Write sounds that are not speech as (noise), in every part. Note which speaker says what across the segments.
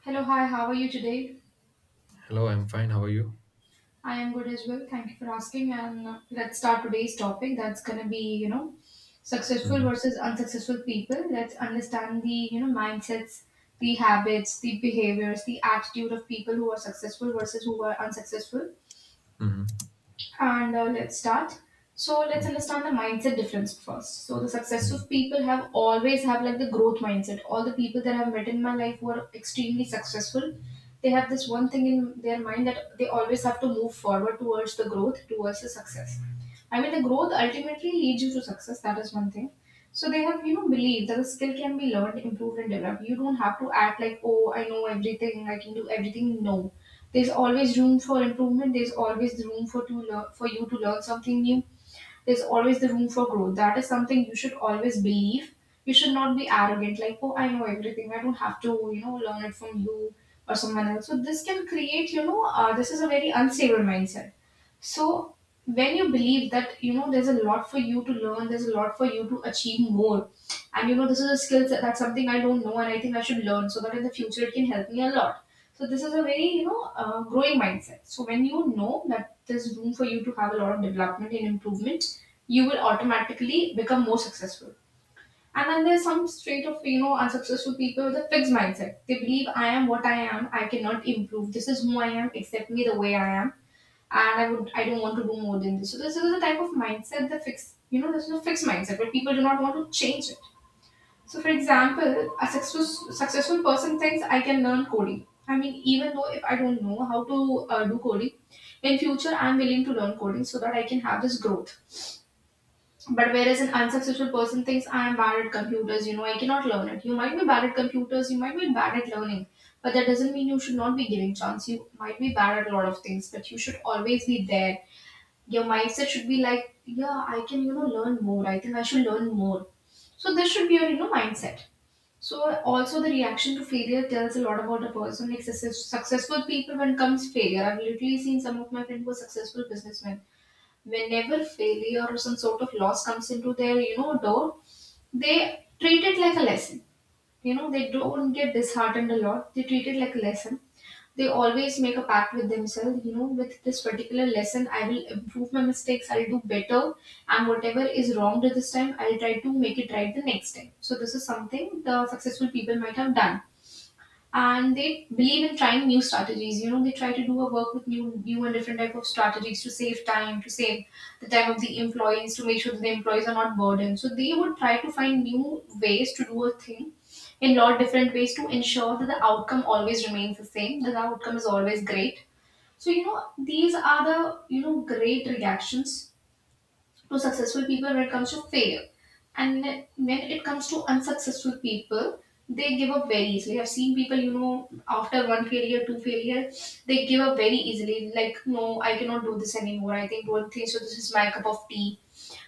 Speaker 1: Hello, hi, how are you today?
Speaker 2: Hello, I'm fine. How are you?
Speaker 1: I am good as well. Thank you for asking. And let's start today's topic that's going to be, successful
Speaker 2: Hmm.
Speaker 1: versus unsuccessful people. Let's understand the, mindsets, the habits, the behaviors, the attitude of people who are successful versus who are unsuccessful.
Speaker 2: Hmm.
Speaker 1: And let's start. So let's understand the mindset difference first. So the successful people have always have like the growth mindset. All the people that I've met in my life who are extremely successful, they have this one thing in their mind that they always have to move forward towards the growth, towards the success. I mean, the growth ultimately leads you to success. That is one thing. So they have, believed that the skill can be learned, improved, and developed. You don't have to act like, oh, I know everything, I can do everything. No, there's always room for improvement. There's always the room for to learn, for you to learn something new. There's always the room for growth. That is something you should always believe. You should not be arrogant, like, oh, I know everything. I don't have to, learn it from you or someone else. So this can create, this is a very unstable mindset. So when you believe that, there's a lot for you to learn, there's a lot for you to achieve more, and this is a skill set that's something I don't know and I think I should learn so that in the future it can help me a lot. So this is a very growing mindset. So when you know that there's room for you to have a lot of development and improvement, you will automatically become more successful. And then there's some straight of unsuccessful people with a fixed mindset. They believe I am what I am. I cannot improve. This is who I am. Accept me the way I am. And I would I don't want to do more than this. So this is the type of mindset the fixed, this is a fixed mindset where people do not want to change it. So, for example, a successful person thinks I can learn coding. I mean, even though if I don't know how to do coding, in future I'm willing to learn coding so that I can have this growth. But whereas an unsuccessful person thinks I am bad at computers, you know, I cannot learn it. You might be bad at computers, you might be bad at learning, but that doesn't mean you should not be giving chance. You might be bad at a lot of things, but you should always be there. Your mindset should be like, yeah, I can, learn more. I think I should learn more. So this should be your, mindset. So also the reaction to failure tells a lot about a person. Like successful people, when comes failure, I've literally seen some of my friends who are successful businessmen. Whenever failure or some sort of loss comes into their door, they treat it like a lesson. You know, they don't get disheartened a lot, they treat it like a lesson. They always make a pact with themselves, you know, with this particular lesson I will improve my mistakes, I'll do better, and whatever is wronged this time I'll try to make it right the next time. So this is something the successful people might have done. And they believe in trying new strategies. You know, they try to do a work with new and different type of strategies to save time, to save the time of the employees, to make sure that the employees are not burdened. So they would try to find new ways to do a thing in lot different ways to ensure that the outcome always remains the same, that the outcome is always great. So these are the great reactions to successful people when it comes to failure. And when it comes to unsuccessful people, they give up very easily. I've seen people, you know, after one failure, two failure, they give up very easily. Like, no, I cannot do this anymore. I think don't think so. This is my cup of tea.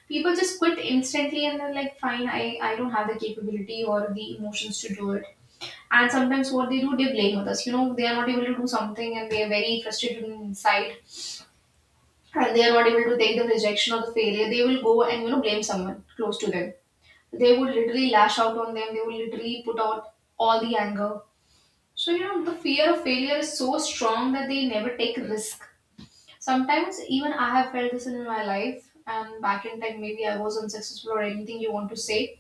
Speaker 1: People just quit instantly and they're like, fine, I don't have the capability or the emotions to do it. And sometimes what they do, they blame others. You know, they are not able to do something and they are very frustrated inside and they are not able to take the rejection or the failure, they will go and blame someone close to them. They would literally lash out on them. They will literally put out all the anger. So the fear of failure is so strong that they never take risk. Sometimes even I have felt this in my life. And back in time, maybe I was unsuccessful or anything you want to say.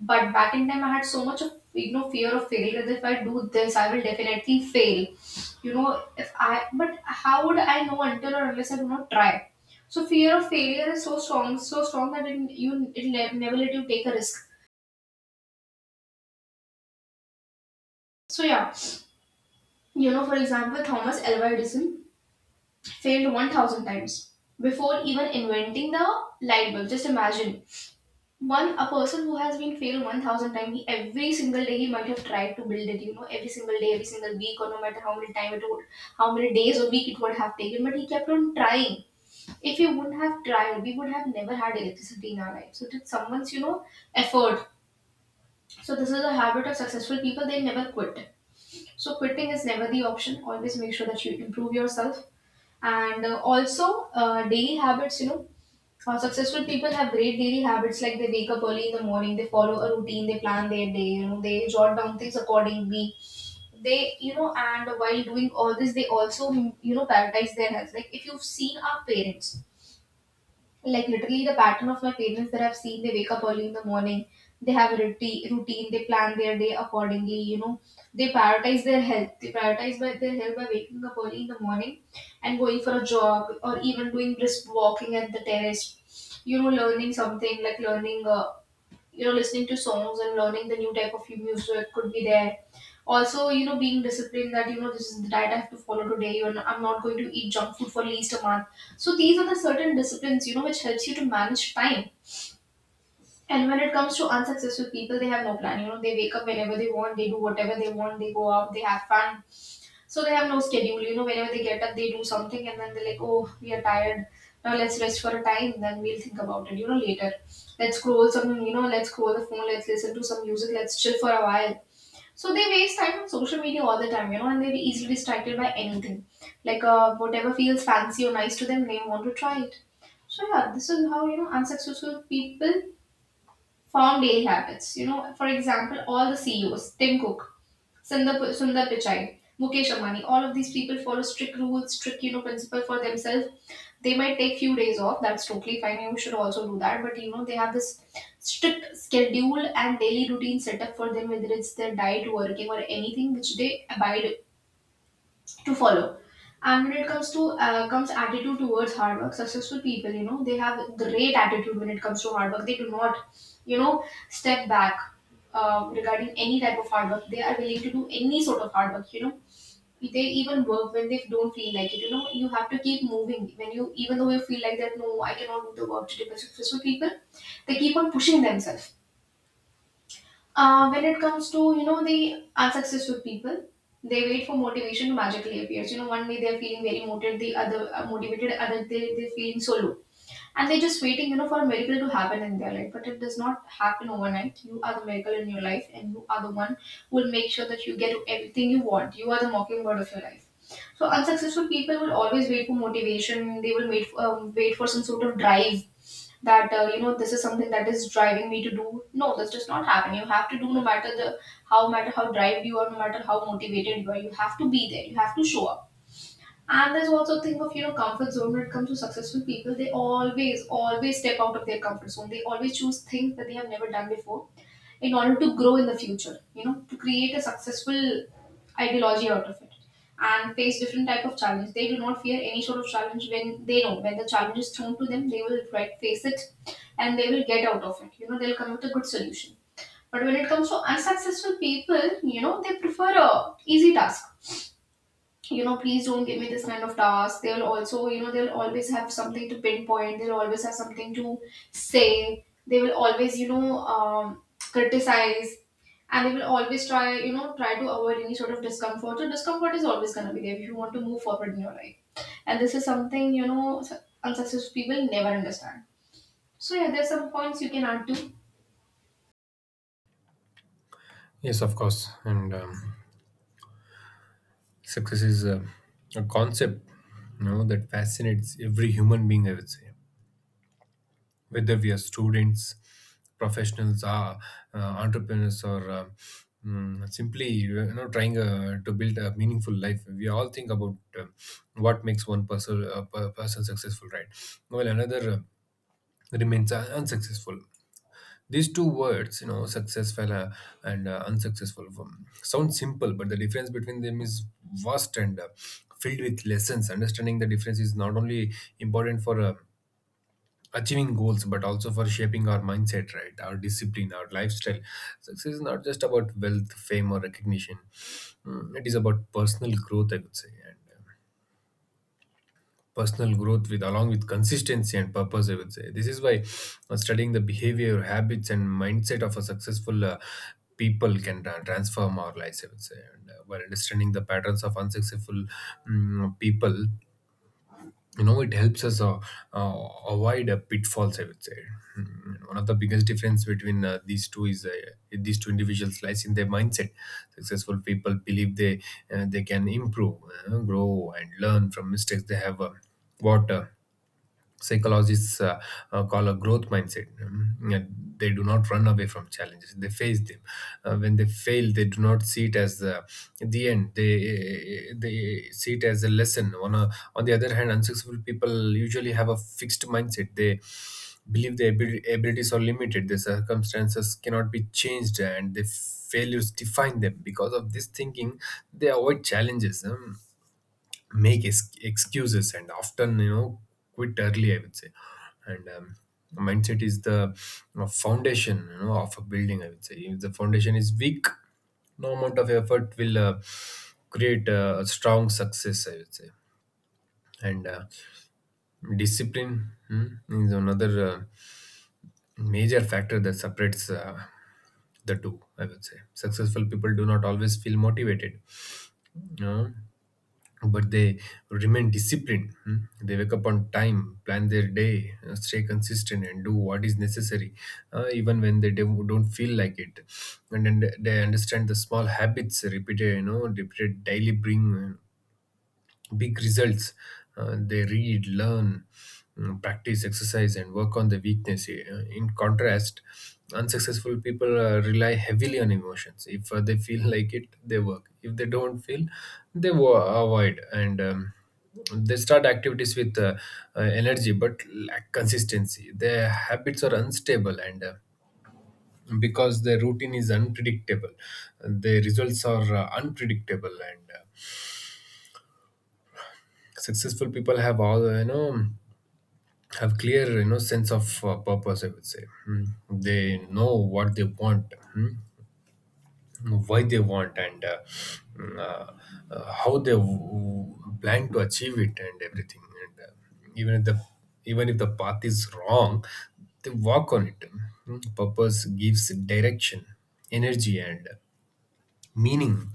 Speaker 1: But back in time, I had so much of fear of failure that if I do this, I will definitely fail. You know, if I But how would I know until or unless I do not try? So fear of failure is so strong that you never let you take a risk. So yeah, you know, for example, Thomas Alva Edison failed 1,000 times before even inventing the light bulb. Just imagine one a person who has been failed 1,000 times. He, every single day he might have tried to build it, you know, every single day, every single week, or no matter how many time it would, how many days or week it would have taken, but he kept on trying. If he wouldn't have tried, we would have never had electricity in our life. So it's someone's effort. So this is a habit of successful people, they never quit. So quitting is never the option, always make sure that you improve yourself. And also daily habits, successful people have great daily habits like they wake up early in the morning, they follow a routine, they plan their day, you know, they jot down things accordingly. They, you know, and while doing all this, they also, you know, prioritize their health. Like if you've seen our parents, like literally the pattern of my parents that I've seen, they wake up early in the morning, they have a routine, they plan their day accordingly, you know, they prioritize their health. They prioritize by their health by waking up early in the morning and going for a jog or even doing brisk walking at the terrace, you know, learning something like learning you know, listening to songs and learning the new type of music could be there. Also, you know, being disciplined that, you know, this is the diet I have to follow today and I'm not going to eat junk food for at least a month. So these are the certain disciplines, you know, which helps you to manage time. And when it comes to unsuccessful people, they have no plan. You know, they wake up whenever they want, they do whatever they want, they go out, they have fun. So they have no schedule. You know, whenever they get up, they do something, and then they're like, "Oh, we are tired. Now let's rest for a time. Then we'll think about it. You know, later. Let's scroll some. You know, let's scroll the phone. Let's listen to some music. Let's chill for a while." So they waste time on social media all the time. You know, and they're easily distracted by anything, like whatever feels fancy or nice to them, they want to try it. So yeah, this is how unsuccessful people form daily habits. You know, for example, all the CEOs, Tim Cook, Sundar Pichai, Mukesh Ambani, all of these people follow strict rules, strict, you know, principle for themselves. They might take few days off. That's totally fine. You should also do that. But, you know, they have this strict schedule and daily routine set up for them, whether it's their diet, working or anything, which they abide to follow. And when it comes to comes attitude towards hard work, successful people, you know, they have great attitude when it comes to hard work. They do not, you know, step back regarding any type of hard work. They are willing to do any sort of hard work. You know, they even work when they don't feel like it. You know, you have to keep moving even though you feel like that. No, I cannot do the work today. But successful people, they keep on pushing themselves when it comes to the unsuccessful people. They wait for motivation to magically appears. You know, one day they're feeling very motivated, the other motivated, other they're feeling so low, and they're just waiting, for a miracle to happen in their life. But it does not happen overnight. You are the miracle in your life, and you are the one who will make sure that you get everything you want. You are the mockingbird of your life. So unsuccessful people will always wait for motivation. They will wait for, wait for some sort of drive that, you know, this is something that is driving me to do. No, this does not happen. You have to do, no matter the how no matter how drive you are, no matter how motivated you are, you have to be there, you have to show up. And there's also a thing of, you know, comfort zone. When it comes to successful people, they always step out of their comfort zone. They always choose things that they have never done before in order to grow in the future, you know, to create a successful ideology out of it, and face different type of challenge. They do not fear any sort of challenge. When they know, when the challenge is thrown to them, they will right face it, and they will get out of it. You know, they'll come with a good solution. But when it comes to unsuccessful people, you know, they prefer a easy task. You know, please don't give me this kind of task. They'll also, you know, they'll always have something to pinpoint. They'll always have something to say. They will always, you know, criticize, and they will always try, you know, try to avoid any sort of discomfort. So discomfort is always going to be there if you want to move forward in your life. And this is something, you know, unsuccessful people never understand. So yeah, there's some points you can add to.
Speaker 2: Yes, of course. And success is a concept, that fascinates every human being, I would say, whether we are students, professionals, are entrepreneurs, or simply trying to build a meaningful life. We all think about what makes one person successful, right? Well, another remains unsuccessful. These two words, successful and unsuccessful, sound simple, but the difference between them is vast and filled with lessons. Understanding the difference is not only important for achieving goals, but also for shaping our mindset, right, our discipline, our lifestyle. Success is not just about wealth, fame, or recognition. It is about personal growth, I would say. And personal growth with along with consistency and purpose, I would say. This is why studying the behavior, habits, and mindset of a successful people can transform our lives, I would say. And by understanding the patterns of unsuccessful people, it helps us uh, avoid pitfalls, I would say. One of the biggest difference between these two individuals lies in their mindset. Successful people believe they can improve, grow, and learn from mistakes. They have what psychologists call a growth mindset. And they do not run away from challenges; they face them. When they fail, they do not see it as the end. They see it as a lesson. On the other hand, unsuccessful people usually have a fixed mindset. They believe their abilities are limited, their circumstances cannot be changed, and the failures define them. Because of this thinking, they avoid challenges, make excuses and often quit early, I would say. And mindset is the, foundation, of a building, I would say. If the foundation is weak, no amount of effort will create a strong success, I would say. And discipline, is another major factor that separates the two, I would say. Successful people do not always feel motivated, you know but they remain disciplined. Hmm. They wake up on time, plan their day, stay consistent, and do what is necessary, even when they don't feel like it. And then they understand the small habits repeated daily bring big results. They read, learn, practice, exercise, and work on the weakness. In contrast, unsuccessful people rely heavily on emotions. If they feel (laughs) like it, they work. If they don't feel, they avoid. And they start activities with energy but lack consistency. Their habits are unstable, and because their routine is unpredictable, their results are unpredictable. And successful people have clear, sense of purpose, I would say. Mm. They know what they want, why they want, and mm, uh, how they plan to achieve it and everything. And even if the even if the path is wrong, they walk on it. Mm. Purpose gives direction, energy, and meaning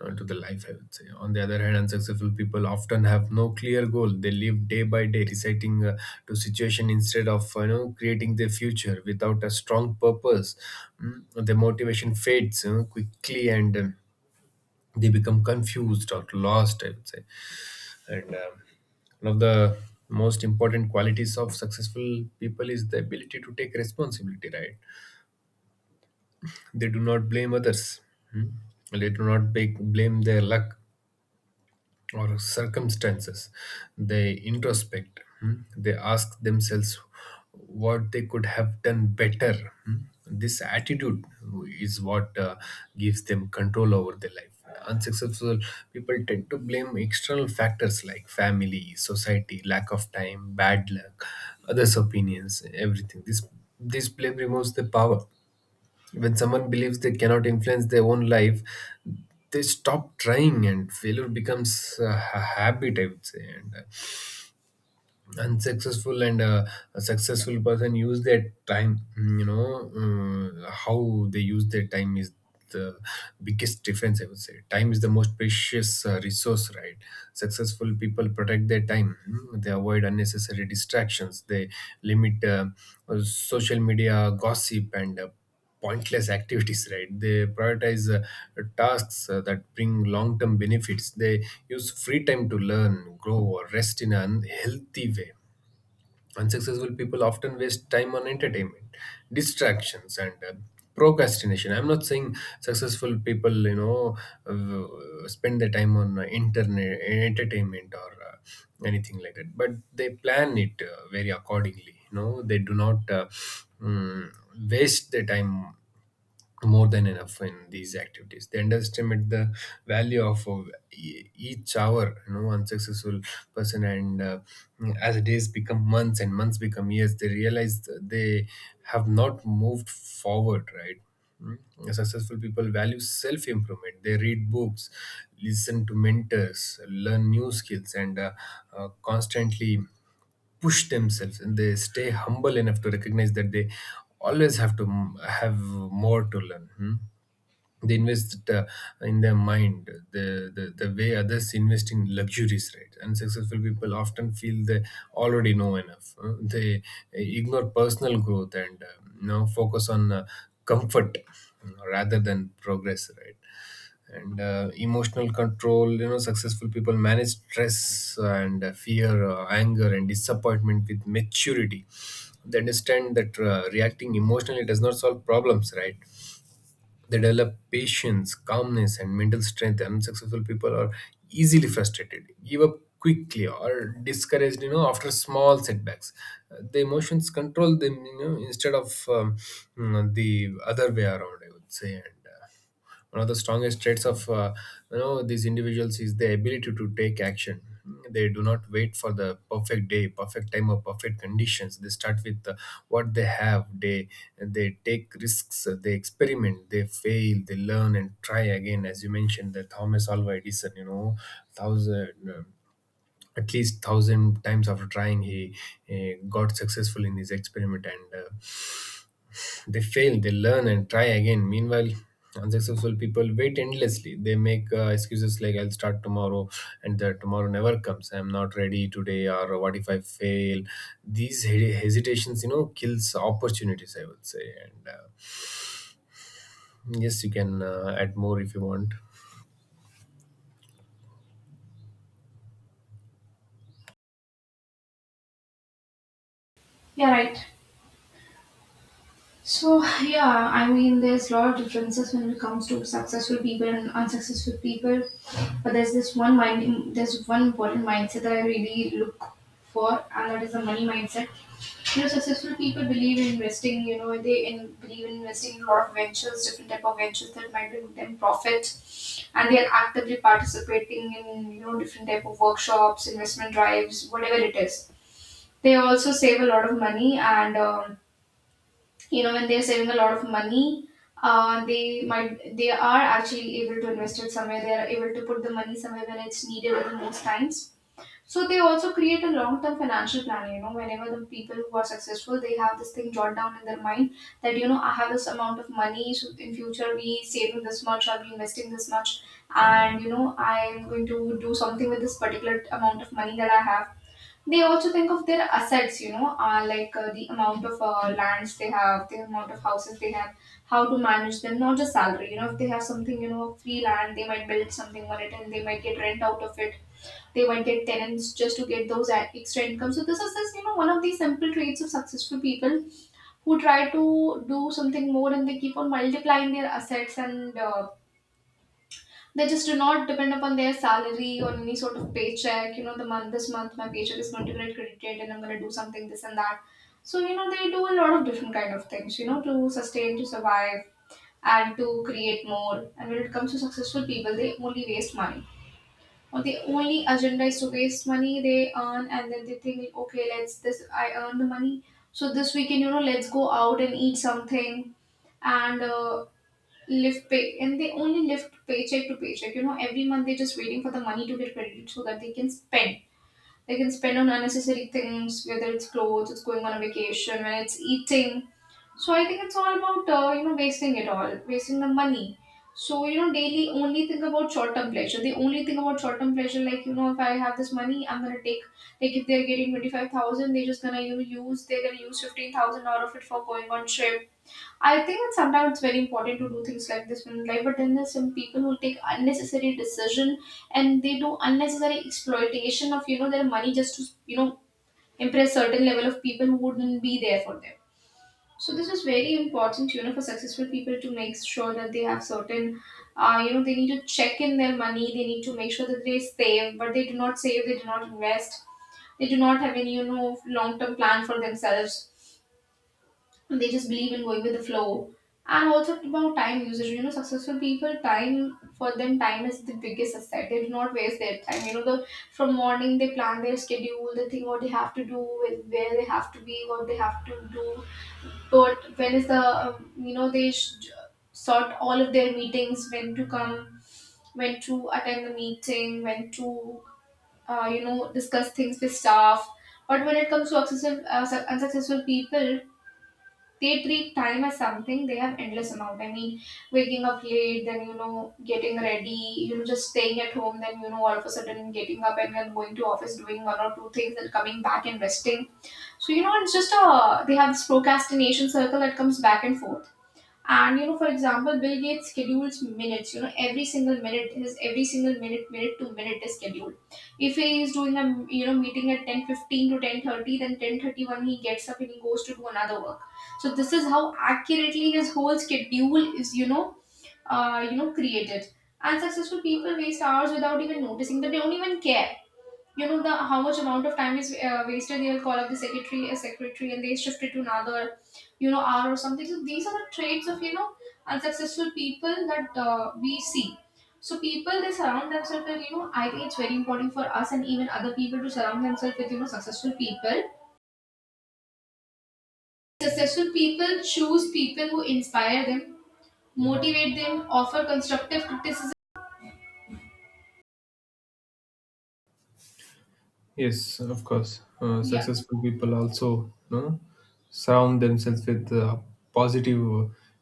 Speaker 2: to the life, I would say. On the other hand, unsuccessful people often have no clear goal. They live day by day, reciting to situation instead of creating their future without a strong purpose. Their motivation fades, quickly, and they become confused or lost, I would say. And one of the most important qualities of successful people is the ability to take responsibility, right? They do not blame others. Hmm? They do not big blame their luck or circumstances. They introspect. Hmm. They ask themselves what they could have done better. Hmm. This attitude is what gives them control over their life. Unsuccessful people tend to blame external factors like family, society, lack of time, bad luck, others' opinions, everything. This blame removes the power. When someone believes they cannot influence their own life, they stop trying, and failure becomes a habit. I would say. And unsuccessful and a successful person use their time. How they use their time is the biggest difference, I would say. Time is the most precious resource, right? Successful people protect their time. They avoid unnecessary distractions. They limit social media, gossip, and pointless activities (laughs) right? They prioritize tasks that bring long-term benefits. They use free time to learn, grow, or rest in an unhealthy way. Unsuccessful people often waste time on entertainment, distractions, and procrastination. I'm not saying successful people, spend their time on internet entertainment or anything like that, but they plan it very accordingly. They do not mm, waste their time more than enough in these activities. They underestimate the value of each hour, unsuccessful person. And as days become months and months become years, they realize that they have not moved forward, right? Mm. Successful people value self improvement. They read books, listen to mentors, learn new skills, and constantly push themselves, and they stay humble enough to recognize that they always have to have more to learn. Hmm? They invest in their mind, the way others invest in luxuries, right? And successful people often feel they already know enough. They ignore personal growth and focus on comfort rather than progress, right? And emotional control, successful people manage stress and fear, anger, and disappointment with maturity. They understand that reacting emotionally does not solve problems, right? They develop patience, calmness, and mental strength. Unsuccessful people are easily frustrated, give up quickly, or discouraged. After small setbacks, the emotions control them. Instead of the other way around, I would say. And one of the strongest traits of these individuals is the ability to take action. They do not wait for the perfect day, perfect time, or perfect conditions. They start with what they have. They take risks, they experiment, they fail, they learn, and try again. As you mentioned, the Thomas Alva Edison, thousand at least thousand times after trying, he got successful in his experiment. And they fail, they learn, and try again. Meanwhile, unsuccessful people wait endlessly. They make excuses like, I'll start tomorrow, and the tomorrow never comes. I'm not ready today, or "what if I fail? These hesitations, kills opportunities, I would say. And yes, you can add more if you want.
Speaker 1: Yeah, right. So yeah, I mean, there's a lot of differences when it comes to successful people and unsuccessful people. But there's this there's one important mindset that I really look for, and that is the money mindset. You know, successful people believe in investing. You know, believe in investing in a lot of ventures, different type of ventures that might bring them profit, and they are actively participating in, you know, different type of workshops, investment drives, whatever it is. They also save a lot of money and. You know, when they're saving a lot of money, they are actually able to invest it somewhere. They are able to put the money somewhere when it's needed at the most times. So they also create a long-term financial plan. You know, whenever the people who are successful, they have this thing jot down in their mind that, you know, I have this amount of money, so in future, we saving this much, I'll be investing this much, and, you know, I am going to do something with this particular amount of money that I have. They also think of their assets. You know, like, the amount of, lands they have, the amount of houses they have, how to manage them, not just salary. You know, if they have something, you know, free land, they might build something on it and they might get rent out of it. They might get tenants just to get those extra income. So this is this, you know, one of the simple traits of successful people who try to do something more, and they keep on multiplying their assets, and they just do not depend upon their salary or any sort of paycheck. You know, the month this month my paycheck is going to get credited and I'm going to do something this and that. So, you know, they do a lot of different kind of things. You know, to sustain, to survive, and to create more. And when it comes to successful people, they only waste money. Or the only agenda is to waste money they earn, and then they think, okay, let's this I earn the money, so this weekend, you know, let's go out and eat something, and live pay and they only live paycheck to paycheck. You know, every month they're just waiting for the money to get credited so that they can spend on unnecessary things, whether it's clothes, it's going on a vacation, when it's eating. So I think it's all about, you know, wasting it all wasting the money. So, you know, daily only think about short term pleasure they only think about short term pleasure. Like, you know, if I have this money, I'm gonna take, like, if they're getting 25,000, they're just gonna, you know, use they're gonna use 15,000 out of it for going on trip. I think that sometimes it's very important to do things like this in life, but then there's some people who take unnecessary decision and they do unnecessary exploitation of, you know, their money, just to, you know, impress certain level of people who wouldn't be there for them. So this is very important, you know, for successful people to make sure that they have certain, you know, they need to check in their money. They need to make sure that they save, but they do not save. They do not invest. They do not have any, you know, long term plan for themselves. They just believe in going with the flow. And also about time usage, you know, successful people, time is the biggest asset. They do not waste their time. You know, the from morning they plan their schedule. They think what they have to do, with where they have to be, what they have to do. But when is the you know, they sort all of their meetings, when to come, when to attend the meeting, when to, you know, discuss things with staff. But when it comes to unsuccessful people, they treat time as something they have endless amount. I mean, waking up late, then, you know, getting ready, you know, just staying at home, then, you know, all of a sudden getting up and then going to office, doing one or two things and coming back and resting. So, you know, it's just a, they have this procrastination circle that comes back and forth. And, you know, for example, Bill Gates schedules minutes. You know, every single minute is minute to minute is scheduled. If he is doing a, you know, meeting at 10:15 to 10:30, then 10:31 he gets up and he goes to do another work. So this is how accurately his whole schedule is. You know, created. And successful people waste hours without even noticing. That they don't even care, you know, the how much amount of time is, wasted. They'll call up the secretary a secretary and they shift it to another, you know, hour or something. So these are the traits of, you know, unsuccessful people that, we see. So people they surround themselves with, you know, I think it's very important for us and even other people to surround themselves with, you know, successful people. Successful people choose people who inspire them, motivate them, offer constructive criticism.
Speaker 2: Yes, of course. Successful people also, surround themselves with positive,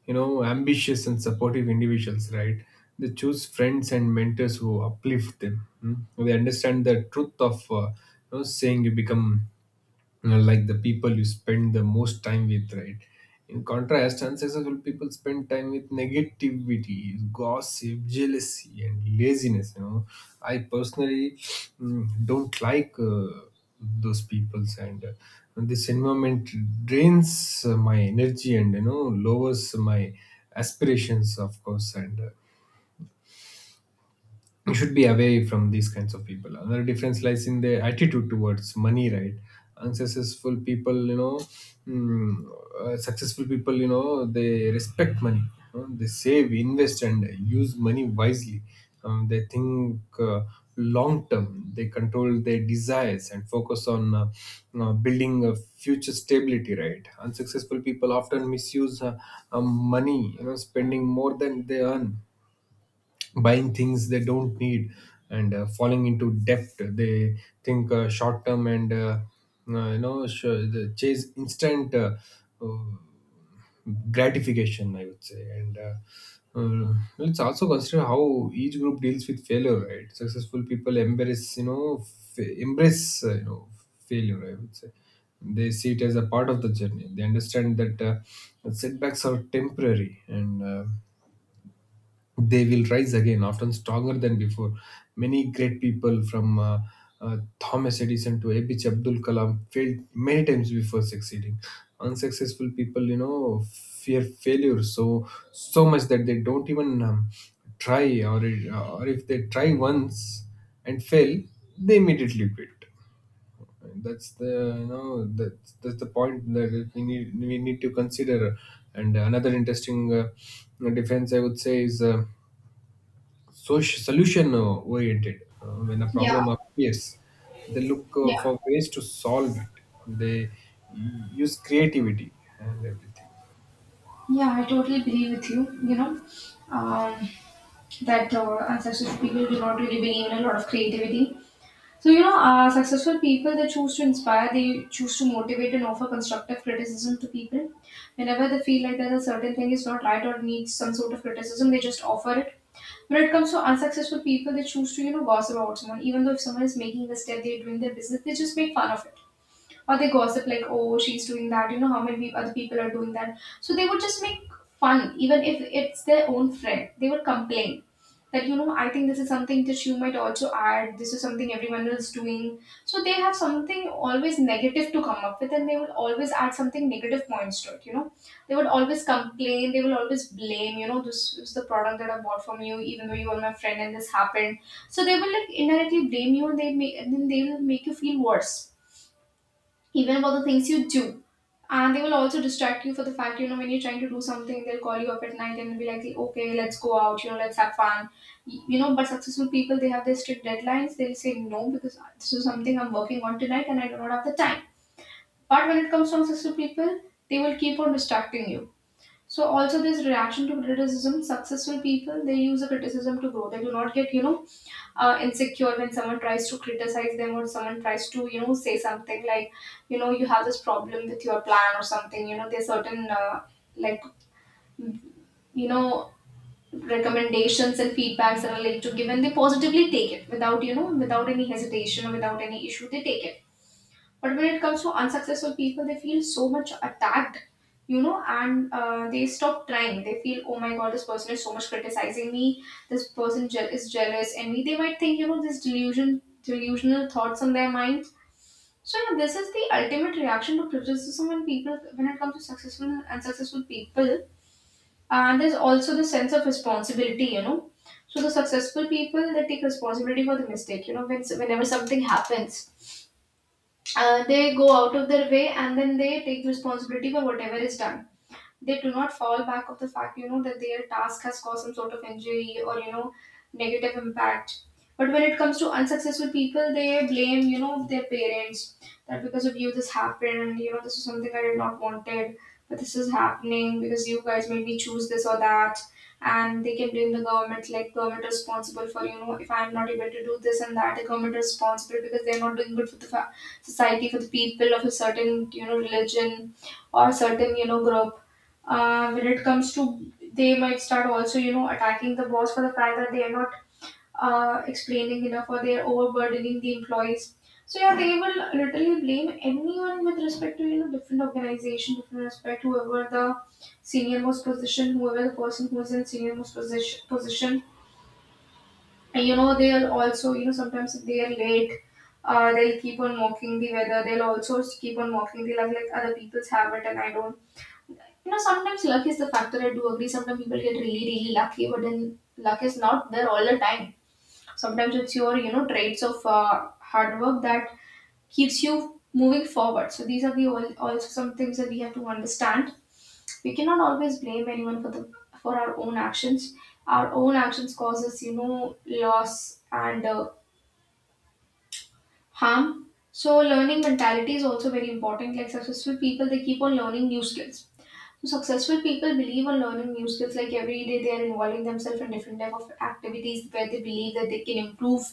Speaker 2: ambitious, and supportive individuals, right? They choose friends and mentors who uplift them. Mm. They understand the truth of saying you become, like the people you spend the most time with, right? In contrast, unsuccessful people spend time with negativity, gossip, jealousy, and laziness. I personally, don't like those peoples, and this environment drains my energy and lowers my aspirations, of course. And you should be away from these kinds of people. Another difference lies in their attitude towards money, right? Unsuccessful people you know mm, uh, successful people, they respect money. They save, invest, and use money wisely. They think long term. They control their desires and focus on building a future stability, right? Unsuccessful people often misuse money, spending more than they earn, buying things they don't need, and falling into debt. They think short term and the chase instant uh, gratification, I would say. And let's also consider how each group deals with failure, right? Successful people embrace failure, I would say. They see it as a part of the journey. They understand that setbacks are temporary, and they will rise again, often stronger than before. Many great people from Thomas Edison to APJ Abdul Kalam failed many times before succeeding. Unsuccessful people, fear failure so much that they don't even try, or if they try once and fail, they immediately quit. That's the point that we need, we need to consider. And another interesting difference, I would say, is. So solution oriented. When a
Speaker 1: Yeah, yeah,
Speaker 2: problem appears, they look
Speaker 1: yeah.
Speaker 2: for ways to solve it. They use creativity and everything.
Speaker 1: Yeah, I totally agree with you. You know, um, that unsuccessful people do not really believe in a lot of creativity. So, you know, successful people, they choose to inspire, they choose to motivate and offer constructive criticism to people. Whenever they feel like that a certain thing is not right or needs some sort of criticism, they just offer it. When it comes to unsuccessful people, they choose to, you know, gossip about someone. Even though if someone is making a step, they're doing their business, they just make fun of it, or they gossip like, oh, she's doing that. You know, how many other people are doing that. So they would just make fun, even if it's their own friend, they would complain that, you know, I think this is something that you might also add, this is something everyone is doing. So they have something always negative to come up with, and they will always add something negative points to it. You know, they would always complain, they will always blame, you know, this is the product that I bought from you, even though you were my friend, and this happened. So they will like indirectly blame you, and they make and then they will make you feel worse, even about the things you do. And they will also distract you for the fact, you know, when you're trying to do something, they'll call you up at night and be like, okay, let's go out, you know, let's have fun. You know, but successful people, they have their strict deadlines. They'll say, no, because this is something I'm working on tonight and I do not have the time. But when it comes to successful people, they will keep on distracting you. So also this reaction to criticism, successful people, they use a criticism to grow. They do not get, you know, insecure when someone tries to criticize them or someone tries to, you know, say something like, you know, you have this problem with your plan or something, you know, there's certain like, you know, recommendations and feedbacks that are like to give, and they positively take it without, you know, without any hesitation or without any issue, they take it. But when it comes to unsuccessful people, they feel so much attacked, you know, and they stop trying. They feel, oh my god, this person is so much criticizing me. This person is jealous, and me. They might think, you know, this delusional thoughts on their minds. So yeah, this is the ultimate reaction to criticism when people, when it comes to successful and unsuccessful people. And there's also the sense of responsibility, you know. So the successful people, they take responsibility for the mistake. You know, when, whenever something happens, they go out of their way and then they take responsibility for whatever is done. They do not fall back of the fact, you know, that their task has caused some sort of injury or, you know, negative impact. But when it comes to unsuccessful people, they blame, you know, their parents that because of you this happened, you know, this is something I did not wanted, but this is happening because you guys made me choose this or that. And they can blame the government, like government responsible for, you know, if I'm not able to do this and that, the government responsible because they're not doing good for the society, for the people of a certain, you know, religion or certain, you know, group. When it comes to, they might start also, you know, attacking the boss for the fact that they are not explaining enough or they are overburdening the employees. So yeah, they will literally blame anyone with respect to, you know, different organization, different respect, whoever the senior most position, whoever the person who is in senior most position. And you know they'll also, you know, sometimes if they are late, they'll keep on mocking the weather, they'll also keep on mocking the like other people's habit, and I don't, you know, sometimes luck is the factor. I do agree. Sometimes people get really, really lucky, but then luck is not there all the time. Sometimes it's your, you know, traits of hard work that keeps you moving forward. So these are the also some things that we have to understand. We cannot always blame anyone for the for our own actions. Our own actions causes, you know, loss and harm. So learning mentality is also very important. Like successful people, they keep on learning new skills. So successful people believe on learning new skills, like every day they are involving themselves in different type of activities where they believe that they can improve.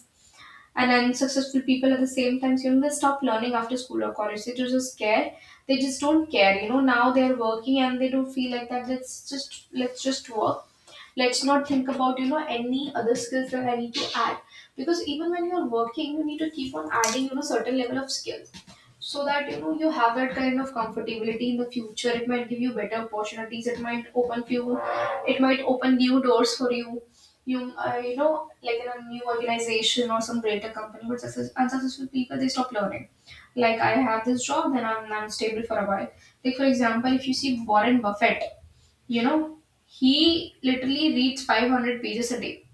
Speaker 1: And unsuccessful people at the same time, you know, they stop learning after school or college. They just care. They just don't care. You know, now they are working and they don't feel like that. Let's just work. Let's not think about, you know, any other skills that I need to add, because even when you are working, you need to keep on adding, you know, certain level of skill, so that, you know, you have that kind of comfortability in the future. It might give you better opportunities, it might open few, it might open new doors for you. You know, like in a new organization or some greater company. But success, unsuccessful people, they stop learning. Like I have this job, then I'm stable for a while. Like for example, if you see Warren Buffett, you know, he literally reads 500 pages a day.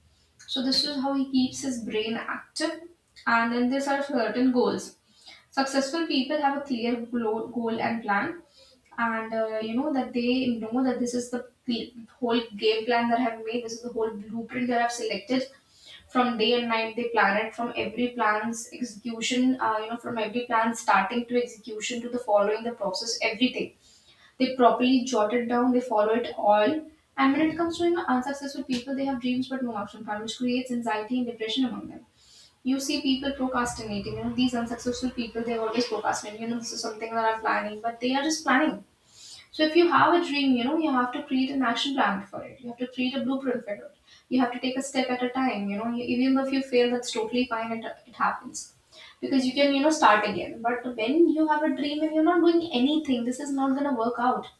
Speaker 1: So this is how he keeps his brain active. And then there are certain goals. Successful people have a clear goal and plan, and you know that, they know that this is the whole game plan that I have made. This is the whole blueprint that I've selected. From day and night, they plan it from every plan's execution. You know, from every plan starting to execution to the following the process, everything they properly jot it down, they follow it all. And when it comes to, you know, unsuccessful people, they have dreams but no action plan, which creates anxiety and depression among them. You see people procrastinating, you know, these unsuccessful people, they always procrastinating, you know, this is something that I'm planning, but they are just planning. So if you have a dream, you know, you have to create an action plan for it. You have to create a blueprint for it. You have to take a step at a time, you know, even if you fail, that's totally fine, it happens, because you can, you know, start again. But when you have a dream and you're not doing anything, this is not going to work out.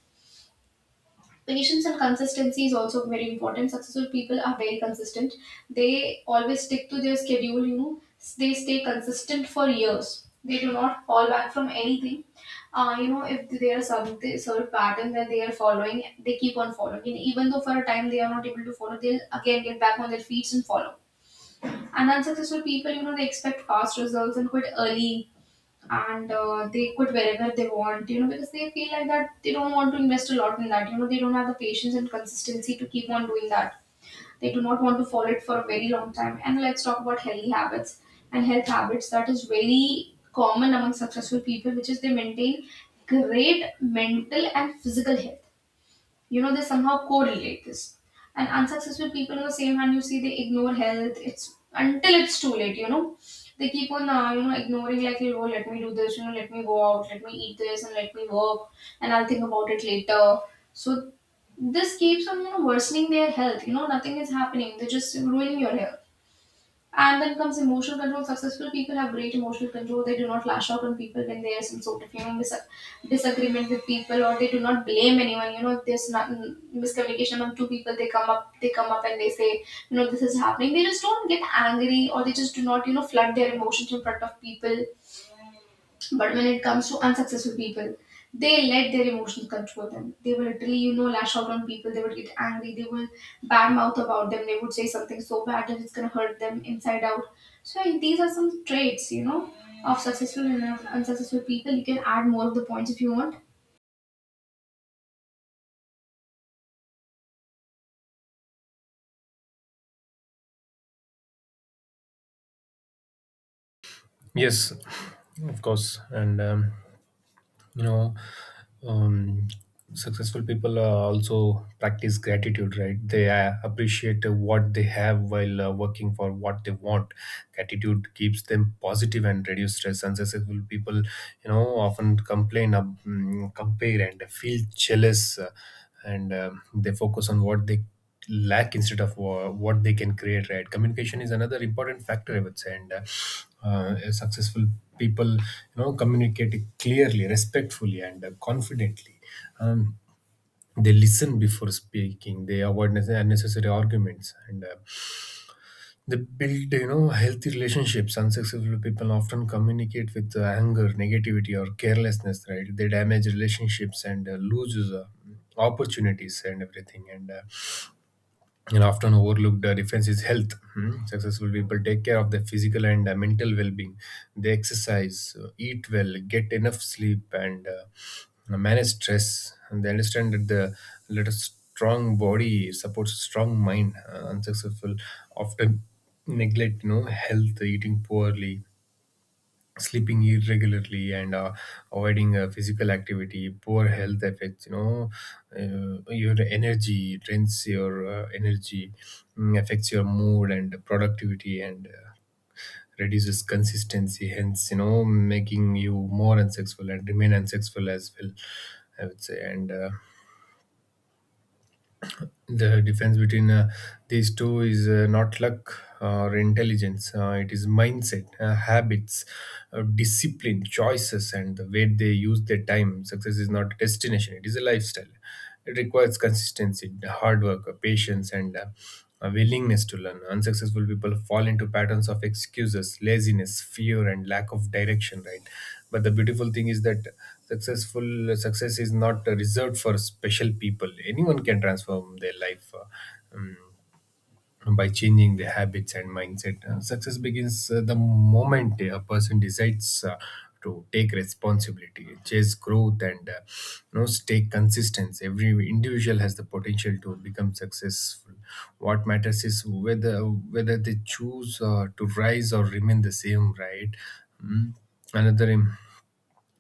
Speaker 1: Patience and consistency is also very important. Successful people are very consistent. They always stick to their schedule, you know, they stay consistent for years. They do not fall back from anything. You know, if there are some sort of pattern that they are following, they keep on following. And even though for a time they are not able to follow, they'll again get back on their feet and follow. And unsuccessful people, you know, they expect fast results and quit early, and they quit wherever they want, you know, because they feel like that they don't want to invest a lot in that. You know, they don't have the patience and consistency to keep on doing that. They do not want to follow it for a very long time. And let's talk about healthy habits and health habits that is very common among successful people, which is they maintain great mental and physical health. You know, they somehow correlate this. And unsuccessful people on the same hand, you see, they ignore health, it's until it's too late, you know, they keep on you know, ignoring, like oh let me do this, you know, let me go out, let me eat this and let me work and I'll think about it later. So this keeps on, you know, worsening their health, you know, nothing is happening, they're just ruining your health. And then comes emotional control. Successful people have great emotional control. They do not lash out on people when there is some sort of, you know, disagreement with people, or they do not blame anyone. You know, if there's not miscommunication among two people, they come up and they say, you know, this is happening. They just don't get angry, or they just do not, you know, flood their emotions in front of people. But when it comes to unsuccessful people, they let their emotions control them. They will literally, you know, lash out on people. They would get angry. They will badmouth about them. They would say something so bad that it's going to hurt them inside out. So these are some traits, you know, of successful and of unsuccessful people. You can add more of the points if you want.
Speaker 2: Yes, of course. And you know um, successful people also practice gratitude, right? They appreciate what they have while working for what they want. Gratitude keeps them positive and reduce stress. Unsuccessful people, you know, often complain, compare and feel jealous, and they focus on what they lack instead of what they can create, right? Communication is another important factor, I would say. And successful people, you know, communicate clearly, respectfully, and confidently. um, they listen before speaking, they avoid unnecessary arguments, and they build, you know, healthy relationships. Unsuccessful people often communicate with anger, negativity, or carelessness, right? They damage relationships and lose opportunities and everything. And and often overlooked defence is health. Hmm? Successful people take care of their physical and mental well-being. They exercise, eat well, get enough sleep, and manage stress. And they understand that the let a strong body supports a strong mind. Unsuccessful often neglect, you know, health, eating poorly, sleeping irregularly, and avoiding physical activity. Poor health effects, you know, your energy, drains your energy, affects your mood and productivity, and reduces consistency, hence, you know, making you more unsexual and remain unsexual as well, I would say. And the difference between these two is not luck or intelligence. It is mindset, habits, discipline, choices, and the way they use their time. Success is not a destination, it is a lifestyle. It requires consistency, hard work, patience, and a willingness to learn. Unsuccessful people fall into patterns of excuses, laziness, fear, and lack of direction, right? But the beautiful thing is that successful success is not reserved for special people. Anyone can transform their life, by changing their habits and mindset. Success begins the moment a person decides to take responsibility, chase growth, and you know, stay consistent. Every individual has the potential to become successful. What matters is whether whether they choose to rise or remain the same, right? Mm. Another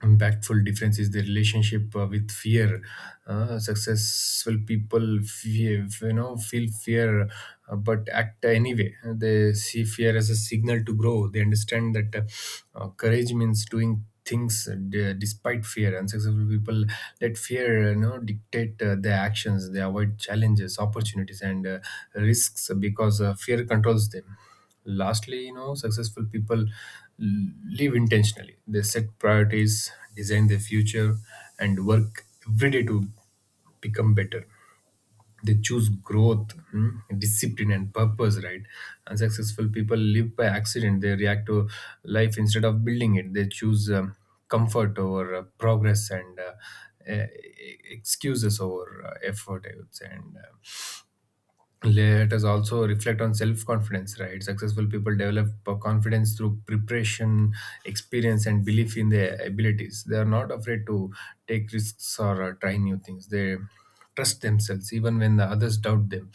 Speaker 2: impactful difference is the relationship with fear. Successful people feel, you know, feel fear, but act anyway. They see fear as a signal to grow. They understand that courage means doing things despite fear. And successful people let fear, you know, dictate their actions. They avoid challenges, opportunities, and risks because fear controls them. Lastly, you know, successful people live intentionally. They set priorities, design their future, and work every day to become better. They choose growth, discipline, and purpose, right? Unsuccessful people live by accident. They react to life instead of building it. They choose comfort over progress, and e- excuses over effort, I would say. And let us also reflect on self confidence, right? Successful people develop confidence through preparation, experience, and belief in their abilities. They are not afraid to take risks or try new things. They trust themselves even when the others doubt them.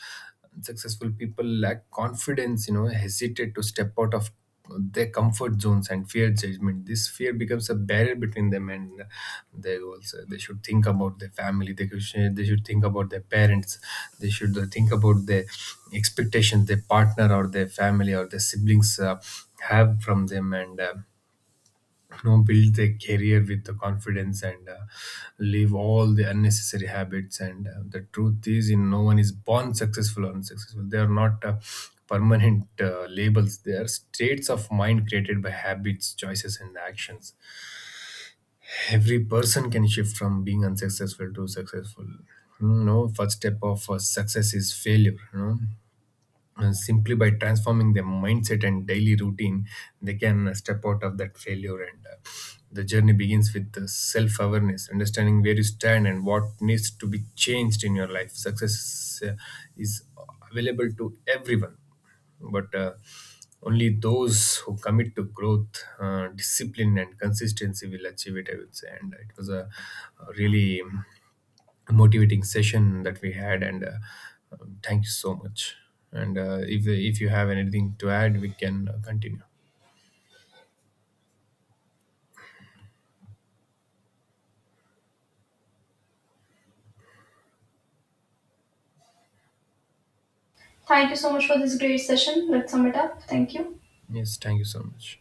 Speaker 2: Successful people lack confidence, you know, hesitate to step out of their comfort zones and fear judgment. This fear becomes a barrier between them. And they also, they should think about their family. They they should think about their parents, they should think about their expectations, their partner or their family or their siblings have from them, and you know, build their career with the confidence, and leave all the unnecessary habits. And the truth is, you know, no one is born successful or unsuccessful. They are not permanent labels. They are states of mind created by habits, choices, and actions. Every person can shift from being unsuccessful to successful. You know, first step of success is failure, you know, and simply by transforming their mindset and daily routine, they can step out of that failure. And the journey begins with the self awareness, understanding where you stand and what needs to be changed in your life. Success is available to everyone, but only those who commit to growth, discipline, and consistency will achieve it, I would say. And it was a really motivating session that we had, and thank you so much. And if you have anything to add, we can continue.
Speaker 1: Thank you so much for this great session. Let's sum it up. Thank you.
Speaker 2: Yes, thank you so much.